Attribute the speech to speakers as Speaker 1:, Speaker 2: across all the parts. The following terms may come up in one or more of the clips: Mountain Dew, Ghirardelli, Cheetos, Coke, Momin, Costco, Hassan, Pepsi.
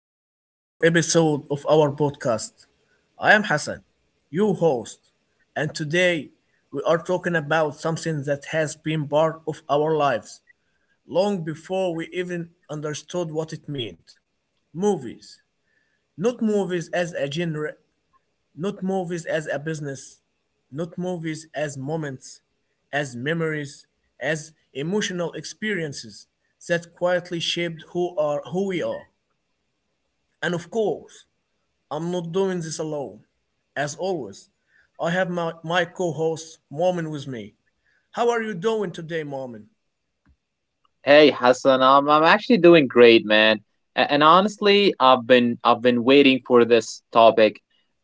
Speaker 1: back to another episode of our podcast. I am Hassan, your host, and today we are talking about something that has been part of our lives long before we even understood what it meant movies. Not movies as a genre, not movies as a business, not movies as moments, as memories, as emotional experiences that quietly shaped who we are. And of course, I'm not doing this alone. As always, I have my co host, Momin, with me. How are you doing today, Momin?
Speaker 2: Hey Hassan, I'm actually doing great, man. And honestly, I've been waiting for this topic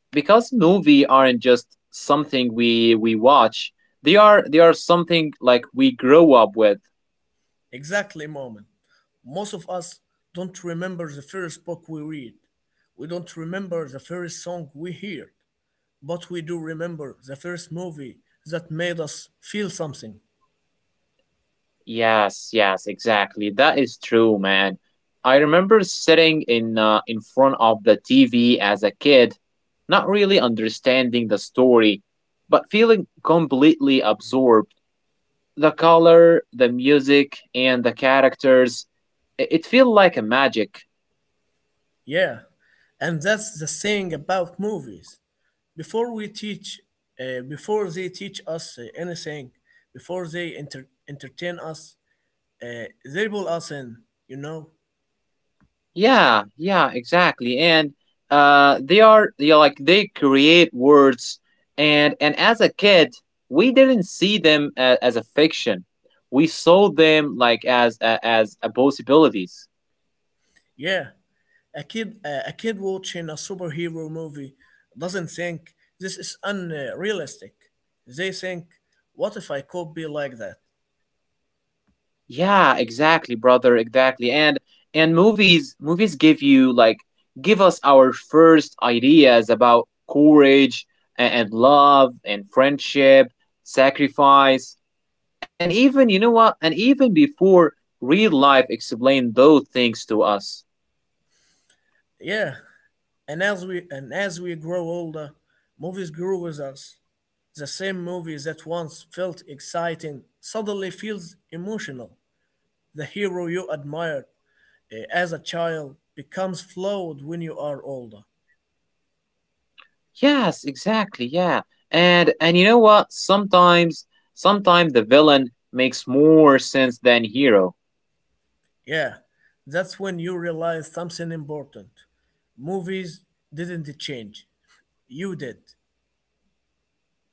Speaker 2: because movies aren't just something we watch. They are something like we grow up with.
Speaker 1: Exactly, Momin. Most of us don't remember the first book we read. We don't remember the first song we heard. But we do remember the first movie that made us feel something.
Speaker 2: Yes, yes, exactly. That is true, man. I remember sitting in front of the TV as a kid, not really understanding the story, but feeling completely absorbed the color, the music, and the characters. It feels like a magic.
Speaker 1: Yeah, and that's the thing about movies. Before we teach, before they teach us anything, before they entertain us, they pull us in. You know?
Speaker 2: Yeah, yeah, exactly. And they are like they create words, and as a kid, we didn't see them as a fiction. We saw them like as a possibilities.
Speaker 1: Yeah, a kid watching a superhero movie doesn't think this is unrealistic. They think, what if I could be like that?
Speaker 2: Yeah, exactly, brother, exactly. And movies give you like give us our first ideas about courage and love and friendship, sacrifice, and even you know what? And even before real life explained those things to us.
Speaker 1: Yeah, and as we grow older, movies grow with us. The same movie that once felt exciting suddenly feels emotional. The hero you admired as a child becomes flawed when you are older.
Speaker 2: Yes, exactly, yeah. And you know what? Sometimes the villain makes more sense than hero.
Speaker 1: Yeah, that's when you realize something important. Movies didn't change, you did.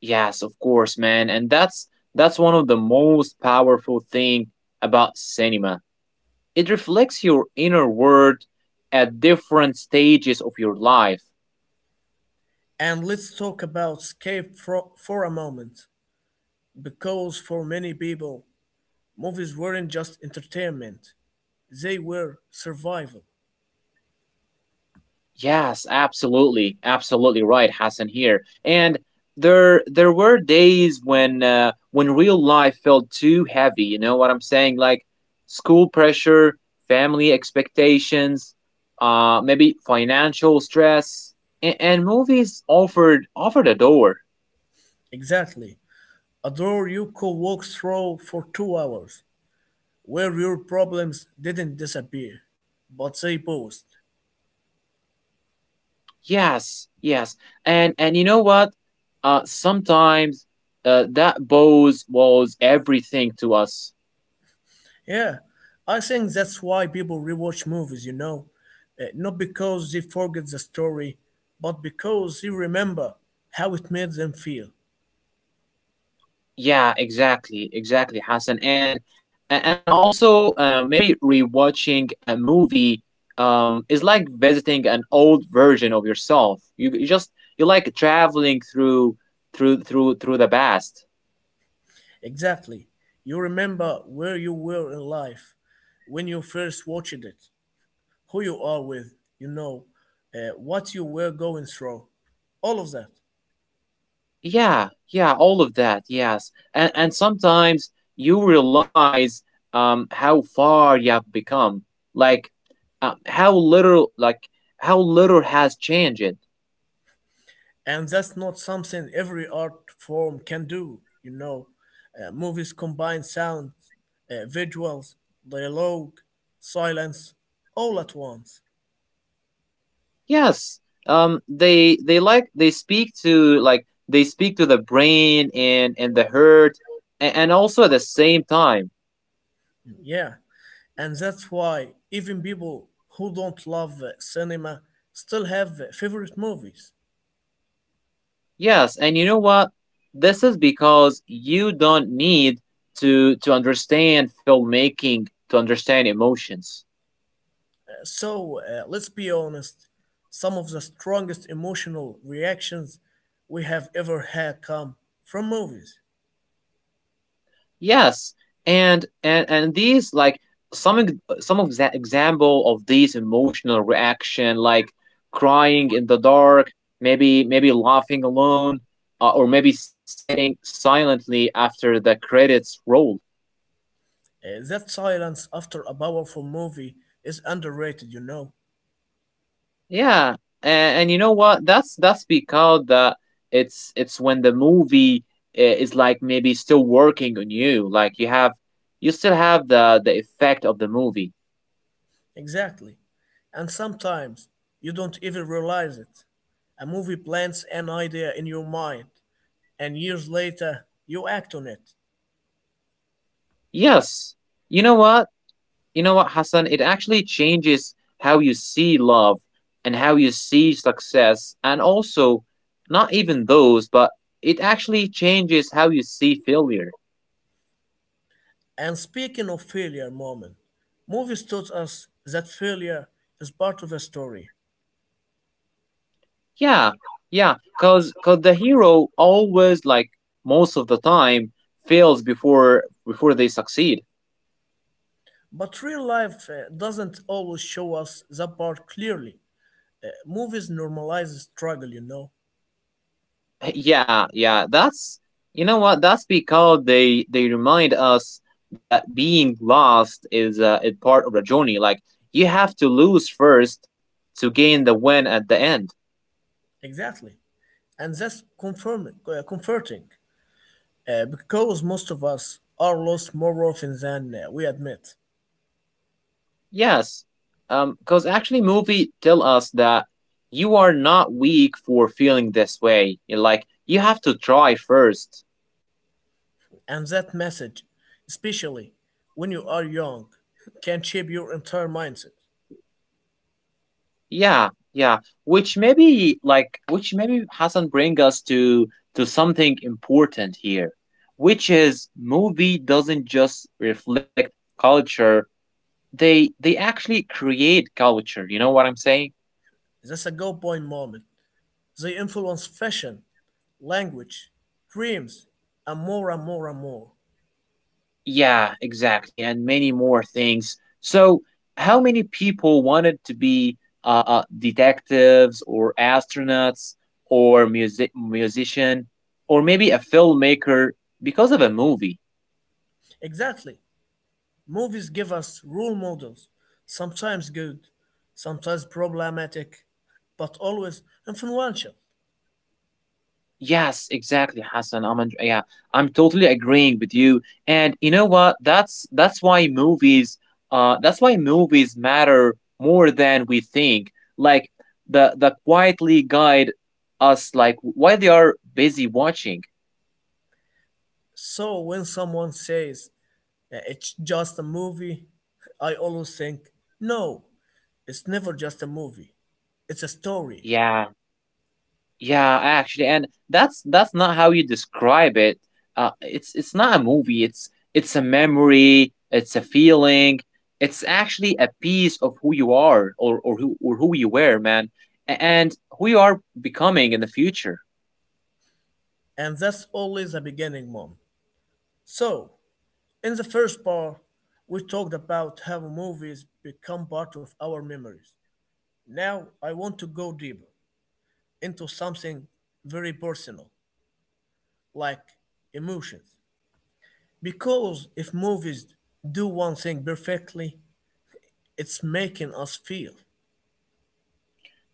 Speaker 2: Yes, of course, man. And that's one of the most powerful thing about cinema. It reflects your inner world at different stages of your life.
Speaker 1: And let's talk about escape for a moment. Because for many people, movies weren't just entertainment, they were survival.
Speaker 2: Yes, absolutely, absolutely right, Hassan here. And there were days when real life felt too heavy. You know what I'm saying? Like school pressure, family expectations, maybe financial stress, and, movies offered a door.
Speaker 1: Exactly. A door you could walk through for 2 hours, where your problems didn't disappear, but they paused.
Speaker 2: Yes, yes, and you know what? Sometimes that pose was everything to us.
Speaker 1: Yeah, I think that's why people rewatch movies, you know. Not because they forget the story, but because they remember how it made them feel.
Speaker 2: Yeah, exactly, exactly, Hassan. And and also maybe rewatching a movie is like visiting an old version of yourself. You just you like traveling through the past.
Speaker 1: Exactly. You remember where you were in life when you first watched it, who you are with, you know, what you were going through, all of that.
Speaker 2: Yeah, yeah, all of that. Yes, and sometimes you realize how far you have become, like uh, how little like how little has changed.
Speaker 1: And that's not something every art form can do, you know. Movies combine sounds, visuals, dialogue, silence, all at once.
Speaker 2: Yes. They speak to the brain and the hurt and, also at the same time.
Speaker 1: Yeah, and that's why even people who don't love cinema still have favorite movies.
Speaker 2: Yes, and you know what? This is because you don't need to understand filmmaking to understand emotions.
Speaker 1: So let's be honest, some of the strongest emotional reactions we have ever had come from movies.
Speaker 2: Yes, and these like some ex- some of the example of these emotional reaction, like crying in the dark, maybe laughing alone, or maybe sitting silently after the credits roll.
Speaker 1: That silence after a powerful movie is underrated, you know.
Speaker 2: Yeah, and, you know what? That's because that it's when the movie is like maybe still working on you, like you still have the effect of the movie.
Speaker 1: Exactly. And sometimes you don't even realize it. A movie plants an idea in your mind, and years later, you act on it.
Speaker 2: Yes, you know what? You know what, Hassan? It actually changes how you see love and how you see success, and also not even those, but it actually changes how you see failure.
Speaker 1: And speaking of failure moment, movies taught us that failure is part of a story.
Speaker 2: Yeah, yeah, cause the hero always, like most of the time, fails before they succeed.
Speaker 1: But real life doesn't always show us that part clearly. Movies normalize struggle, you know.
Speaker 2: Yeah, yeah, that's you know what? That's because they remind us that being lost is a part of the journey. Like you have to lose first to gain the win at the end.
Speaker 1: Exactly. And that's comforting, because most of us are lost more often than we admit.
Speaker 2: Yes, because actually, movie tell us that you are not weak for feeling this way. You're like you have to try first.
Speaker 1: And that message, especially when you are young, can shape your entire mindset.
Speaker 2: Yeah, yeah. Which maybe Hassan bring us to something important here, which is movie doesn't just reflect culture. They actually create culture. You know what I'm saying?
Speaker 1: That's a go point moment. They influence fashion, language, dreams, and more and more and more.
Speaker 2: Yeah, exactly, and many more things. So, how many people wanted to be detectives or astronauts or musician or maybe a filmmaker because of a movie?
Speaker 1: Exactly. Movies give us role models, sometimes good, sometimes problematic, but always influential.
Speaker 2: Yes, exactly, Hassan. Yeah, I'm totally agreeing with you. And you know what? That's why movies matter more than we think. Like the quietly guide us like why they are busy watching.
Speaker 1: So when someone says, "It's just a movie," I always think, no, it's never just a movie. It's a story.
Speaker 2: Yeah. Yeah, actually, and that's not how you describe it. It's not a movie. It's a memory. It's a feeling. It's actually a piece of who you are, or who you were, man, and who you are becoming in the future.
Speaker 1: And that's always the beginning, mom. So, in the first part, we talked about how movies become part of our memories. Now, I want to go deeper into something very personal, like emotions. Because if movies do one thing perfectly, it's making us feel.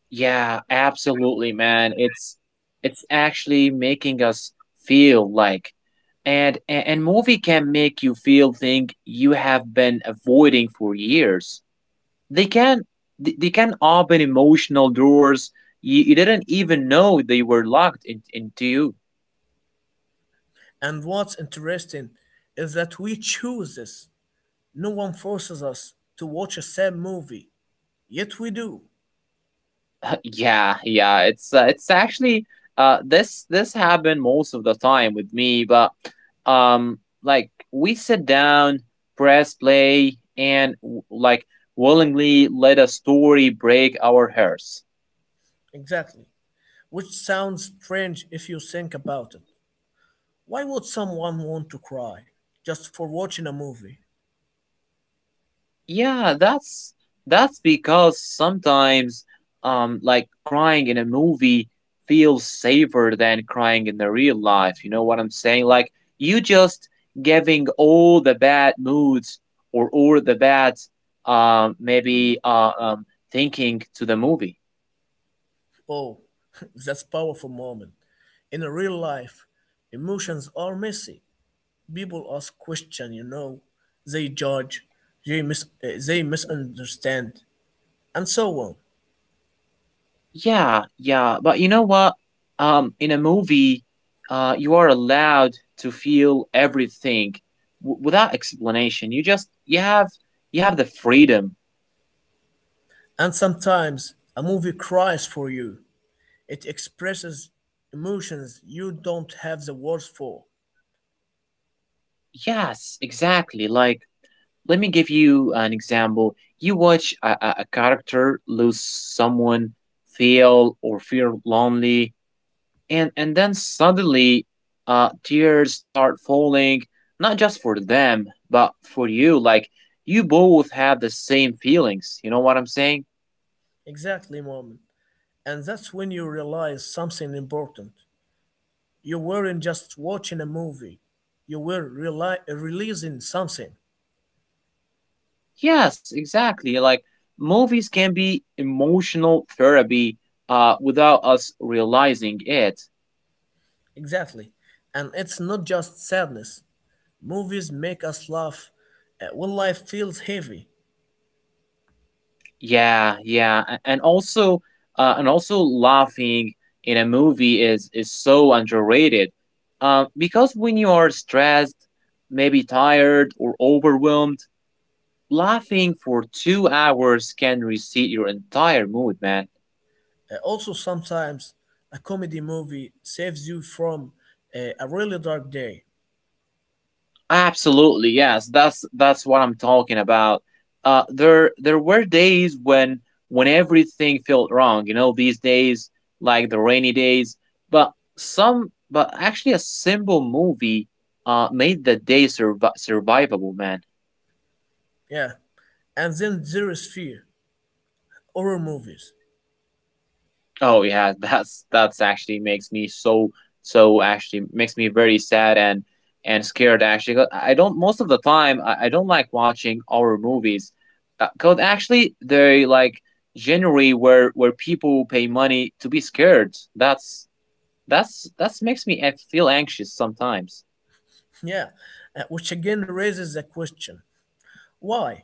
Speaker 2: Yeah, absolutely, man. It's actually making us feel like, and movie can make you feel thing you have been avoiding for years. they can they can open emotional doors you didn't even know they were locked into you.
Speaker 1: And what's interesting is that we choose this. No one forces us to watch a sad movie, yet we do.
Speaker 2: Yeah, yeah, it's actually this happened most of the time with me, but like we sit down, press play, and like willingly let a story break our hearts.
Speaker 1: Exactly. Which sounds strange if you think about it. Why would someone want to cry just for watching a movie?
Speaker 2: Yeah, that's because sometimes like crying in a movie feels safer than crying in the real life. You know what I'm saying? Like you just giving all the bad moods or all the bad maybe thinking to the movie.
Speaker 1: Oh, that's powerful moment. In a real life, emotions are messy. People ask questions, you know. They judge, they, they misunderstand, and so on.
Speaker 2: Yeah, yeah, but you know what? In a movie, you are allowed to feel everything w without explanation. You have the freedom.
Speaker 1: And sometimes a movie cries for you. It expresses emotions you don't have the words for.
Speaker 2: Yes, exactly. Like, let me give you an example. You watch a character lose someone, feel lonely, and then suddenly tears start falling, not just for them but for you, like you both have the same feelings. You know what I'm saying?
Speaker 1: Exactly, mom. And that's when you realize something important. You weren't just watching a movie, you were releasing something.
Speaker 2: Yes, exactly. Like movies can be emotional therapy without us realizing it.
Speaker 1: Exactly. And it's not just sadness. Movies make us laugh when life feels heavy.
Speaker 2: Yeah, yeah, and also laughing in a movie is so underrated, because when you are stressed, maybe tired or overwhelmed, laughing for 2 hours can reset your entire mood, man.
Speaker 1: Also, sometimes a comedy movie saves you from a really dark day.
Speaker 2: Absolutely, yes. That's what I'm talking about. There were days when everything felt wrong. You know, these days, like the rainy days, but some but actually a simple movie made the day survivable, man.
Speaker 1: Yeah, and then there is fear, horror movies.
Speaker 2: Oh yeah, that's actually makes me so, actually makes me very sad and scared actually. 'Cause I don't most of the time I don't like watching horror movies, because actually they like generally where people pay money to be scared. That's makes me I feel anxious sometimes.
Speaker 1: Yeah, which again raises the question: why?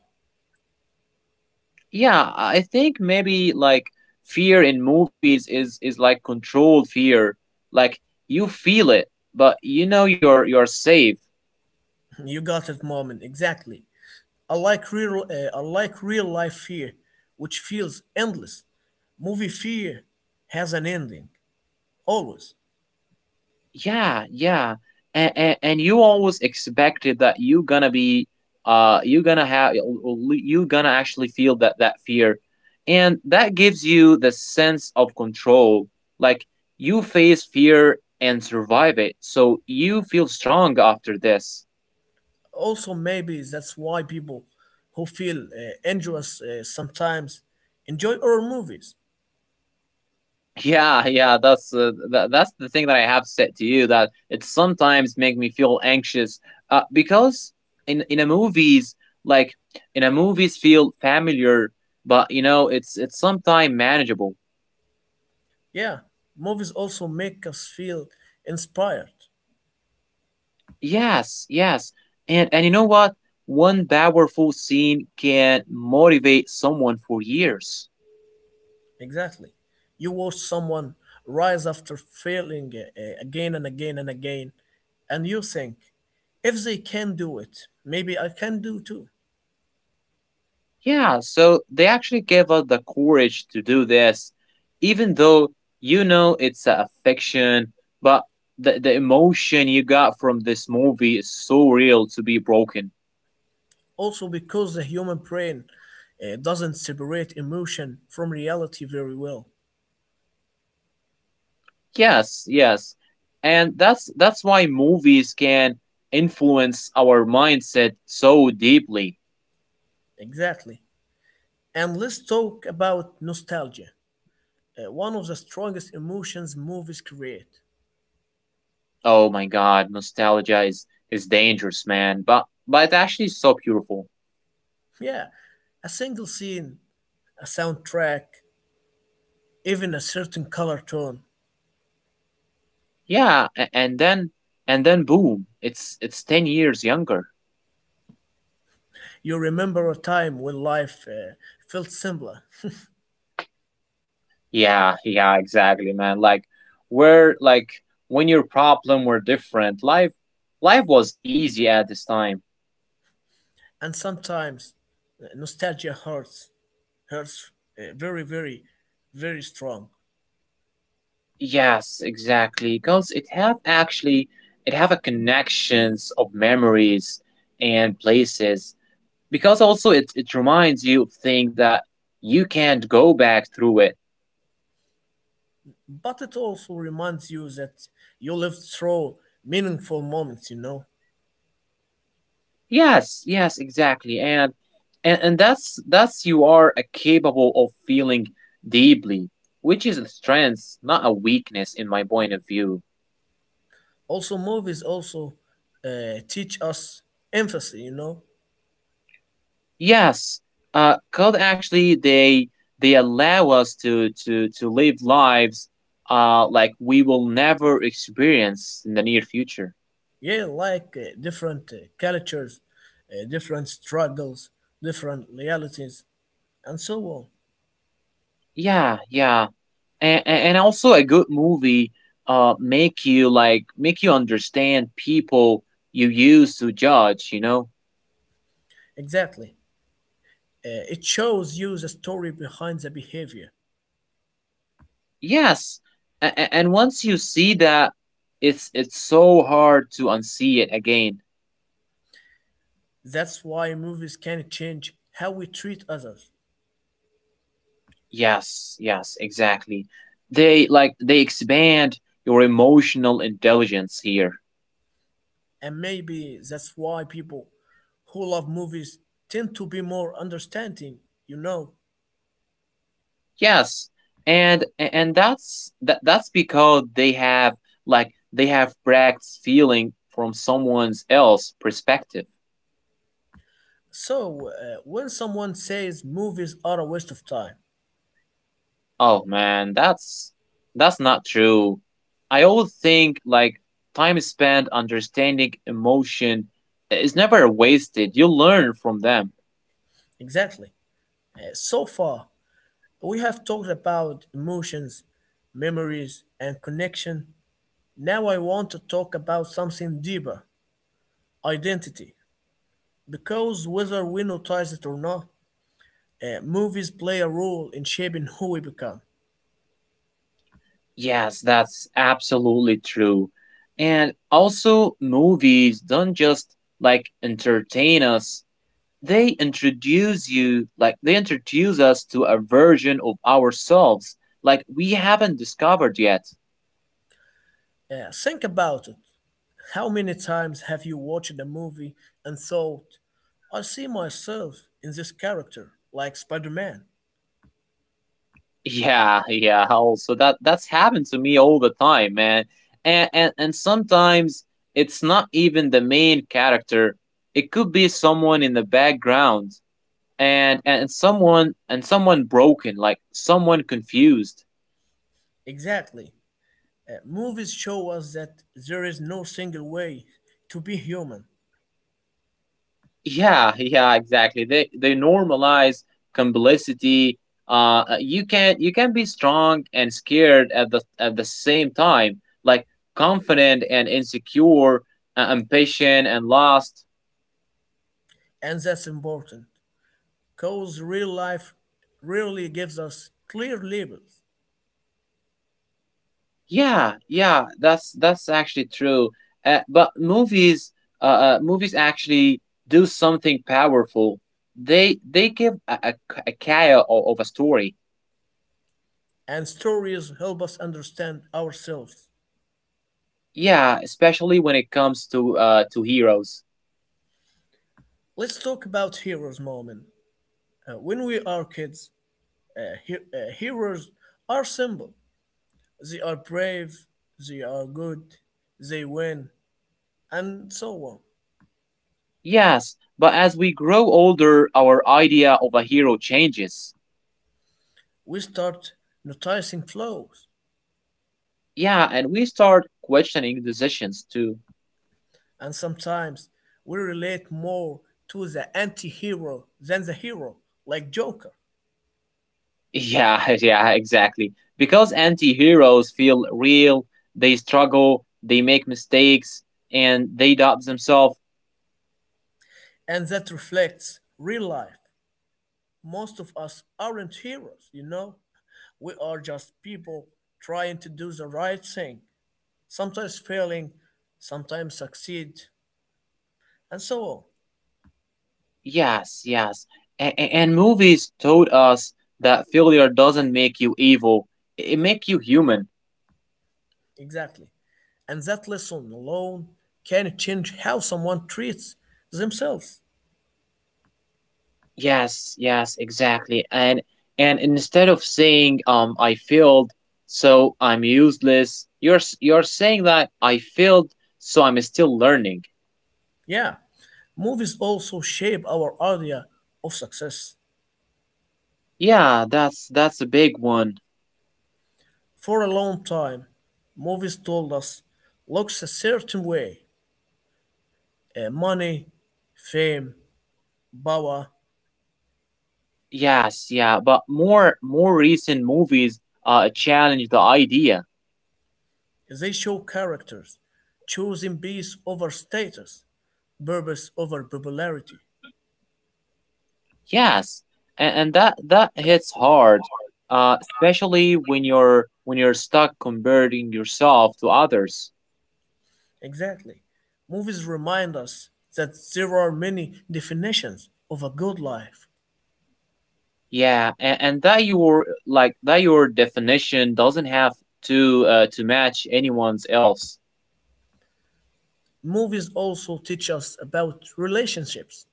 Speaker 2: Yeah, I think maybe like fear in movies is like controlled fear, like you feel it, but you know you're safe.
Speaker 1: You got it, moment. Exactly. I like real life fear, which feels endless. Movie fear has an ending always.
Speaker 2: Yeah, yeah, and, you always expected that you gonna be you gonna have you gonna actually feel that fear, and that gives you the sense of control, like you face fear and survive it, so you feel strong after this.
Speaker 1: Also, maybe that's why people who feel anxious sometimes enjoy horror movies.
Speaker 2: Yeah, yeah, that's the thing that I have said to you, that it sometimes make me feel anxious, because in in a movies like in a movies feel familiar, but you know it's sometimes manageable.
Speaker 1: Yeah, movies also make us feel inspired.
Speaker 2: Yes, yes, and you know what? One powerful scene can motivate someone for years.
Speaker 1: Exactly. You watch someone rise after failing again and again and again, and you think, if they can do it, maybe I can do too.
Speaker 2: Yeah, so they actually gave us the courage to do this, even though you know it's a fiction, but the emotion you got from this movie is so real to be broken.
Speaker 1: Also, because the human brain doesn't separate emotion from reality very well.
Speaker 2: Yes, yes. And that's why movies can influence our mindset so deeply.
Speaker 1: Exactly. And let's talk about nostalgia, one of the strongest emotions movies create.
Speaker 2: Oh my god, nostalgia is dangerous, man, but it's actually so beautiful.
Speaker 1: Yeah, a single scene, a soundtrack, even a certain color tone.
Speaker 2: Yeah, and then boom, it's 10 years younger.
Speaker 1: You remember a time when life felt simpler,
Speaker 2: Yeah, yeah, exactly, man. Like where like when your problem were different, life was easy at this time.
Speaker 1: and sometimes nostalgia hurts, very, very, very strong.
Speaker 2: Yes, exactly. Because it have a connections of memories and places. Because also it reminds you of things that you can't go back through it.
Speaker 1: But it also reminds you that you lived through meaningful moments, you know.
Speaker 2: Yes, yes, exactly. And that's you are a capable of feeling deeply, which is a strength, not a weakness in my point of view.
Speaker 1: Movies also teach us empathy, you know.
Speaker 2: Yes. Code actually they allow us to live lives like we will never experience in the near future.
Speaker 1: Yeah, like different cultures, different struggles, different realities, and so on.
Speaker 2: Yeah, yeah. And also a good movie make you understand people you used to judge, you know?
Speaker 1: Exactly. It shows you the story behind the behavior.
Speaker 2: Yes, and once you see that, it's so hard to unsee it again.
Speaker 1: That's why movies can change how we treat others.
Speaker 2: Yes, yes, exactly. They expand your emotional intelligence here.
Speaker 1: And maybe that's why people who love movies tend to be more understanding, you know.
Speaker 2: Yes, and and that's because they have practiced feeling from someone's else perspective.
Speaker 1: So, when someone says movies are a waste of time,
Speaker 2: Oh man, that's not true. I always think like time spent understanding emotion is never wasted. You learn from them.
Speaker 1: exactly. So far, we have talked about emotions, memories, and connection. Now, I want to talk about something deeper, identity. Because whether we notice it or not, movies play a role in shaping who we become.
Speaker 2: Yes, that's absolutely true. And also movies don't just like entertain us. They introduce you like they introduce us to a version of ourselves like we haven't discovered yet.
Speaker 1: Think about it. How many times have you watched a movie and thought, I see myself in this character, like Spider Man?
Speaker 2: Yeah, yeah. Also, that's happened to me all the time, man. And sometimes it's not even the main character. It could be someone in the background, and someone broken, like someone confused.
Speaker 1: Exactly. Movies show us that there is no single way to be human,
Speaker 2: Yeah, yeah, exactly. They normalize complicity. You can be strong and scared at the same time, like confident and insecure, impatient and lost.
Speaker 1: and that's important. Because real life rarely gives us clear labels,
Speaker 2: Yeah, yeah, that's actually true. But movies actually do something powerful. They give a kaya of a story.
Speaker 1: and stories help us understand ourselves.
Speaker 2: Yeah, especially when it comes to heroes.
Speaker 1: Let's talk about heroes, moment. When we are kids, heroes are simple. They are brave, they are good, they win, and so on.
Speaker 2: Yes, but as we grow older, our idea of a hero changes.
Speaker 1: We start noticing flaws,
Speaker 2: Yeah, and we start questioning decisions too.
Speaker 1: and sometimes we relate more to the anti hero than the hero, like Joker.
Speaker 2: Yeah, yeah, exactly. Because anti heroes feel real, they struggle, they make mistakes, and they doubt themselves.
Speaker 1: And that reflects real life. Most of us aren't heroes, you know? We are just people trying to do the right thing, sometimes failing, sometimes succeed, and so on.
Speaker 2: Yes, yes. And movies told us that failure doesn't make you evil, it make you human.
Speaker 1: Exactly. And that lesson alone can change how someone treats themselves.
Speaker 2: Yes, yes, exactly. And instead of saying I failed, so I'm useless, you're saying that I failed, so I'm still learning.
Speaker 1: Yeah. Movies also shape our idea of success.
Speaker 2: Yeah, that's a big one.
Speaker 1: For a long time, movies told us looks a certain way. Money, fame, power,
Speaker 2: Yes, yeah, but more recent movies challenge the idea.
Speaker 1: they show characters choosing peace over status, purpose over popularity.
Speaker 2: Yes. And that hits hard, especially when you're stuck comparing yourself to others.
Speaker 1: Exactly. Movies remind us that there are many definitions of a good life.
Speaker 2: Yeah, and, that your like that your definition doesn't have to match anyone's else.
Speaker 1: Movies also teach us about relationships.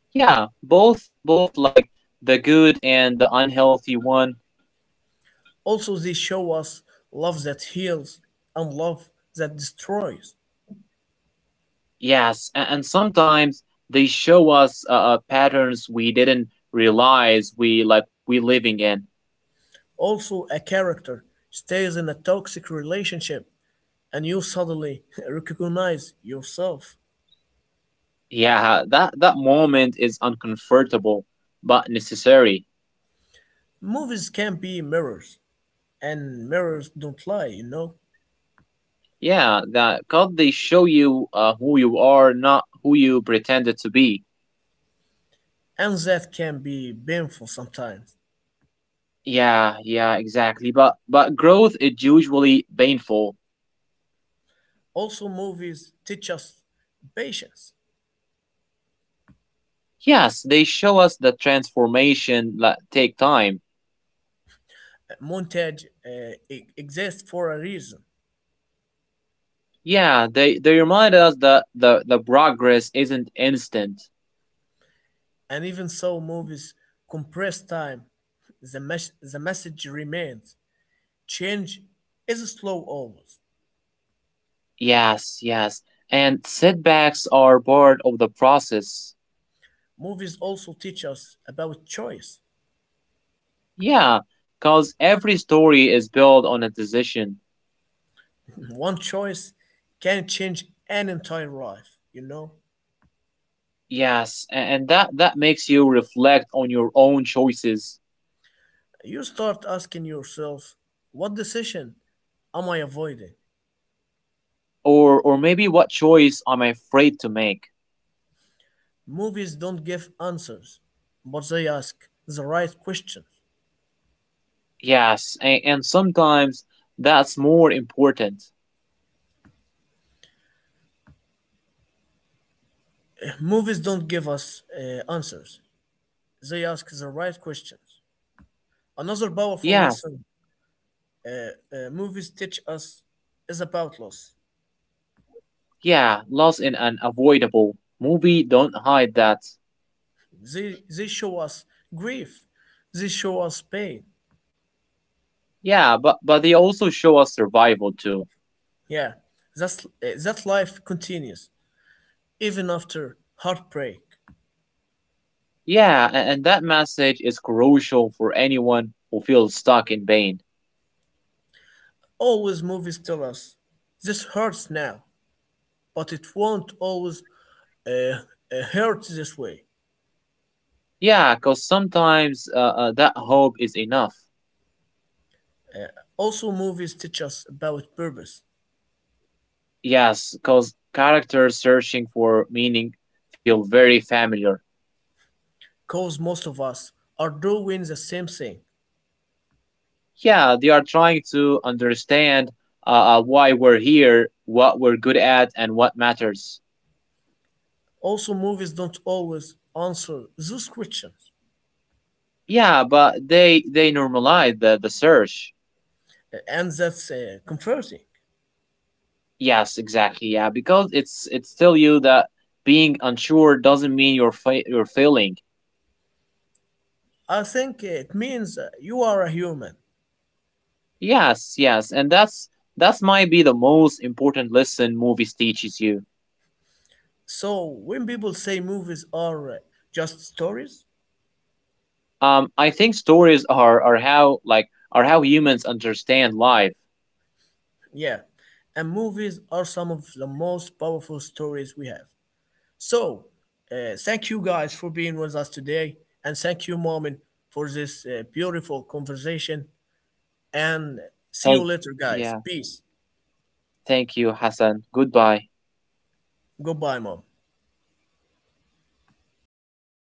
Speaker 2: Yeah, both like the good and the unhealthy one.
Speaker 1: Also, they show us love that heals and love that destroys.
Speaker 2: Yes, and sometimes they show us patterns we didn't realize we living in.
Speaker 1: Also, a character stays in a toxic relationship and you suddenly recognize yourself.
Speaker 2: Yeah, that moment is uncomfortable but necessary.
Speaker 1: Movies can be mirrors, and mirrors don't lie, you know?
Speaker 2: Yeah, that cause they show you who you are, not who you pretended to be.
Speaker 1: And that can be painful sometimes.
Speaker 2: Yeah, yeah, exactly. But growth is usually painful.
Speaker 1: Also, movies teach us patience.
Speaker 2: Yes, they show us the transformation that take time.
Speaker 1: Montage exists for a reason,
Speaker 2: Yeah, they remind us that the progress isn't instant.
Speaker 1: and even so, movies compress time. The message remains, change is slow always.
Speaker 2: Yes, yes. And setbacks are part of the process.
Speaker 1: Movies also teach us about choice.
Speaker 2: Yeah, because every story is built on a decision.
Speaker 1: One choice can change an entire life, you know?
Speaker 2: Yes, and that makes you reflect on your own choices,
Speaker 1: You start asking yourself, what decision am I avoiding?
Speaker 2: or maybe what choice I'm afraid to make.
Speaker 1: Movies don't give answers, but they ask the right questions.
Speaker 2: Yes, and, sometimes that's more important.
Speaker 1: Movies don't give us answers, they ask the right questions. Another powerful
Speaker 2: Yes,
Speaker 1: lesson uh, movies teach us is about loss.
Speaker 2: yeah, loss in unavoidable. Movie don't hide that.
Speaker 1: They show us grief, they show us pain.
Speaker 2: Yeah, but they also show us survival too.
Speaker 1: Yeah, that's, that life continues even after heartbreak.
Speaker 2: Yeah, and that message is crucial for anyone who feels stuck in pain.
Speaker 1: Always, movies tell us this hurts now, but it won't always uh, uh, hurt this way.
Speaker 2: Yeah, because sometimes that hope is enough.
Speaker 1: Uh, Also, movies teach us about purpose,
Speaker 2: Yes, because characters searching for meaning feel very familiar.
Speaker 1: because most of us are doing the same thing.
Speaker 2: Yeah, they are trying to understand uh, why we're here, what we're good at, and what matters.
Speaker 1: Also, movies don't always answer those questions,
Speaker 2: Yeah, but they normalize the search.
Speaker 1: and that's comforting.
Speaker 2: Yes, exactly. Yeah, because it's still you that being unsure doesn't mean you're failing.
Speaker 1: I think it means you are a human.
Speaker 2: Yes, yes, and that's might be the most important lesson movies teaches you.
Speaker 1: So, when people say movies are just stories,
Speaker 2: I think stories are how like are how humans understand life.
Speaker 1: yeah, and movies are some of the most powerful stories we have. So, thank you guys for being with us today, and thank you, Momin, for this beautiful conversation. And see
Speaker 2: Thank
Speaker 1: you later, guys.
Speaker 2: Yeah,
Speaker 1: Peace.
Speaker 2: thank you, Hassan. Goodbye.
Speaker 1: Goodbye, mom.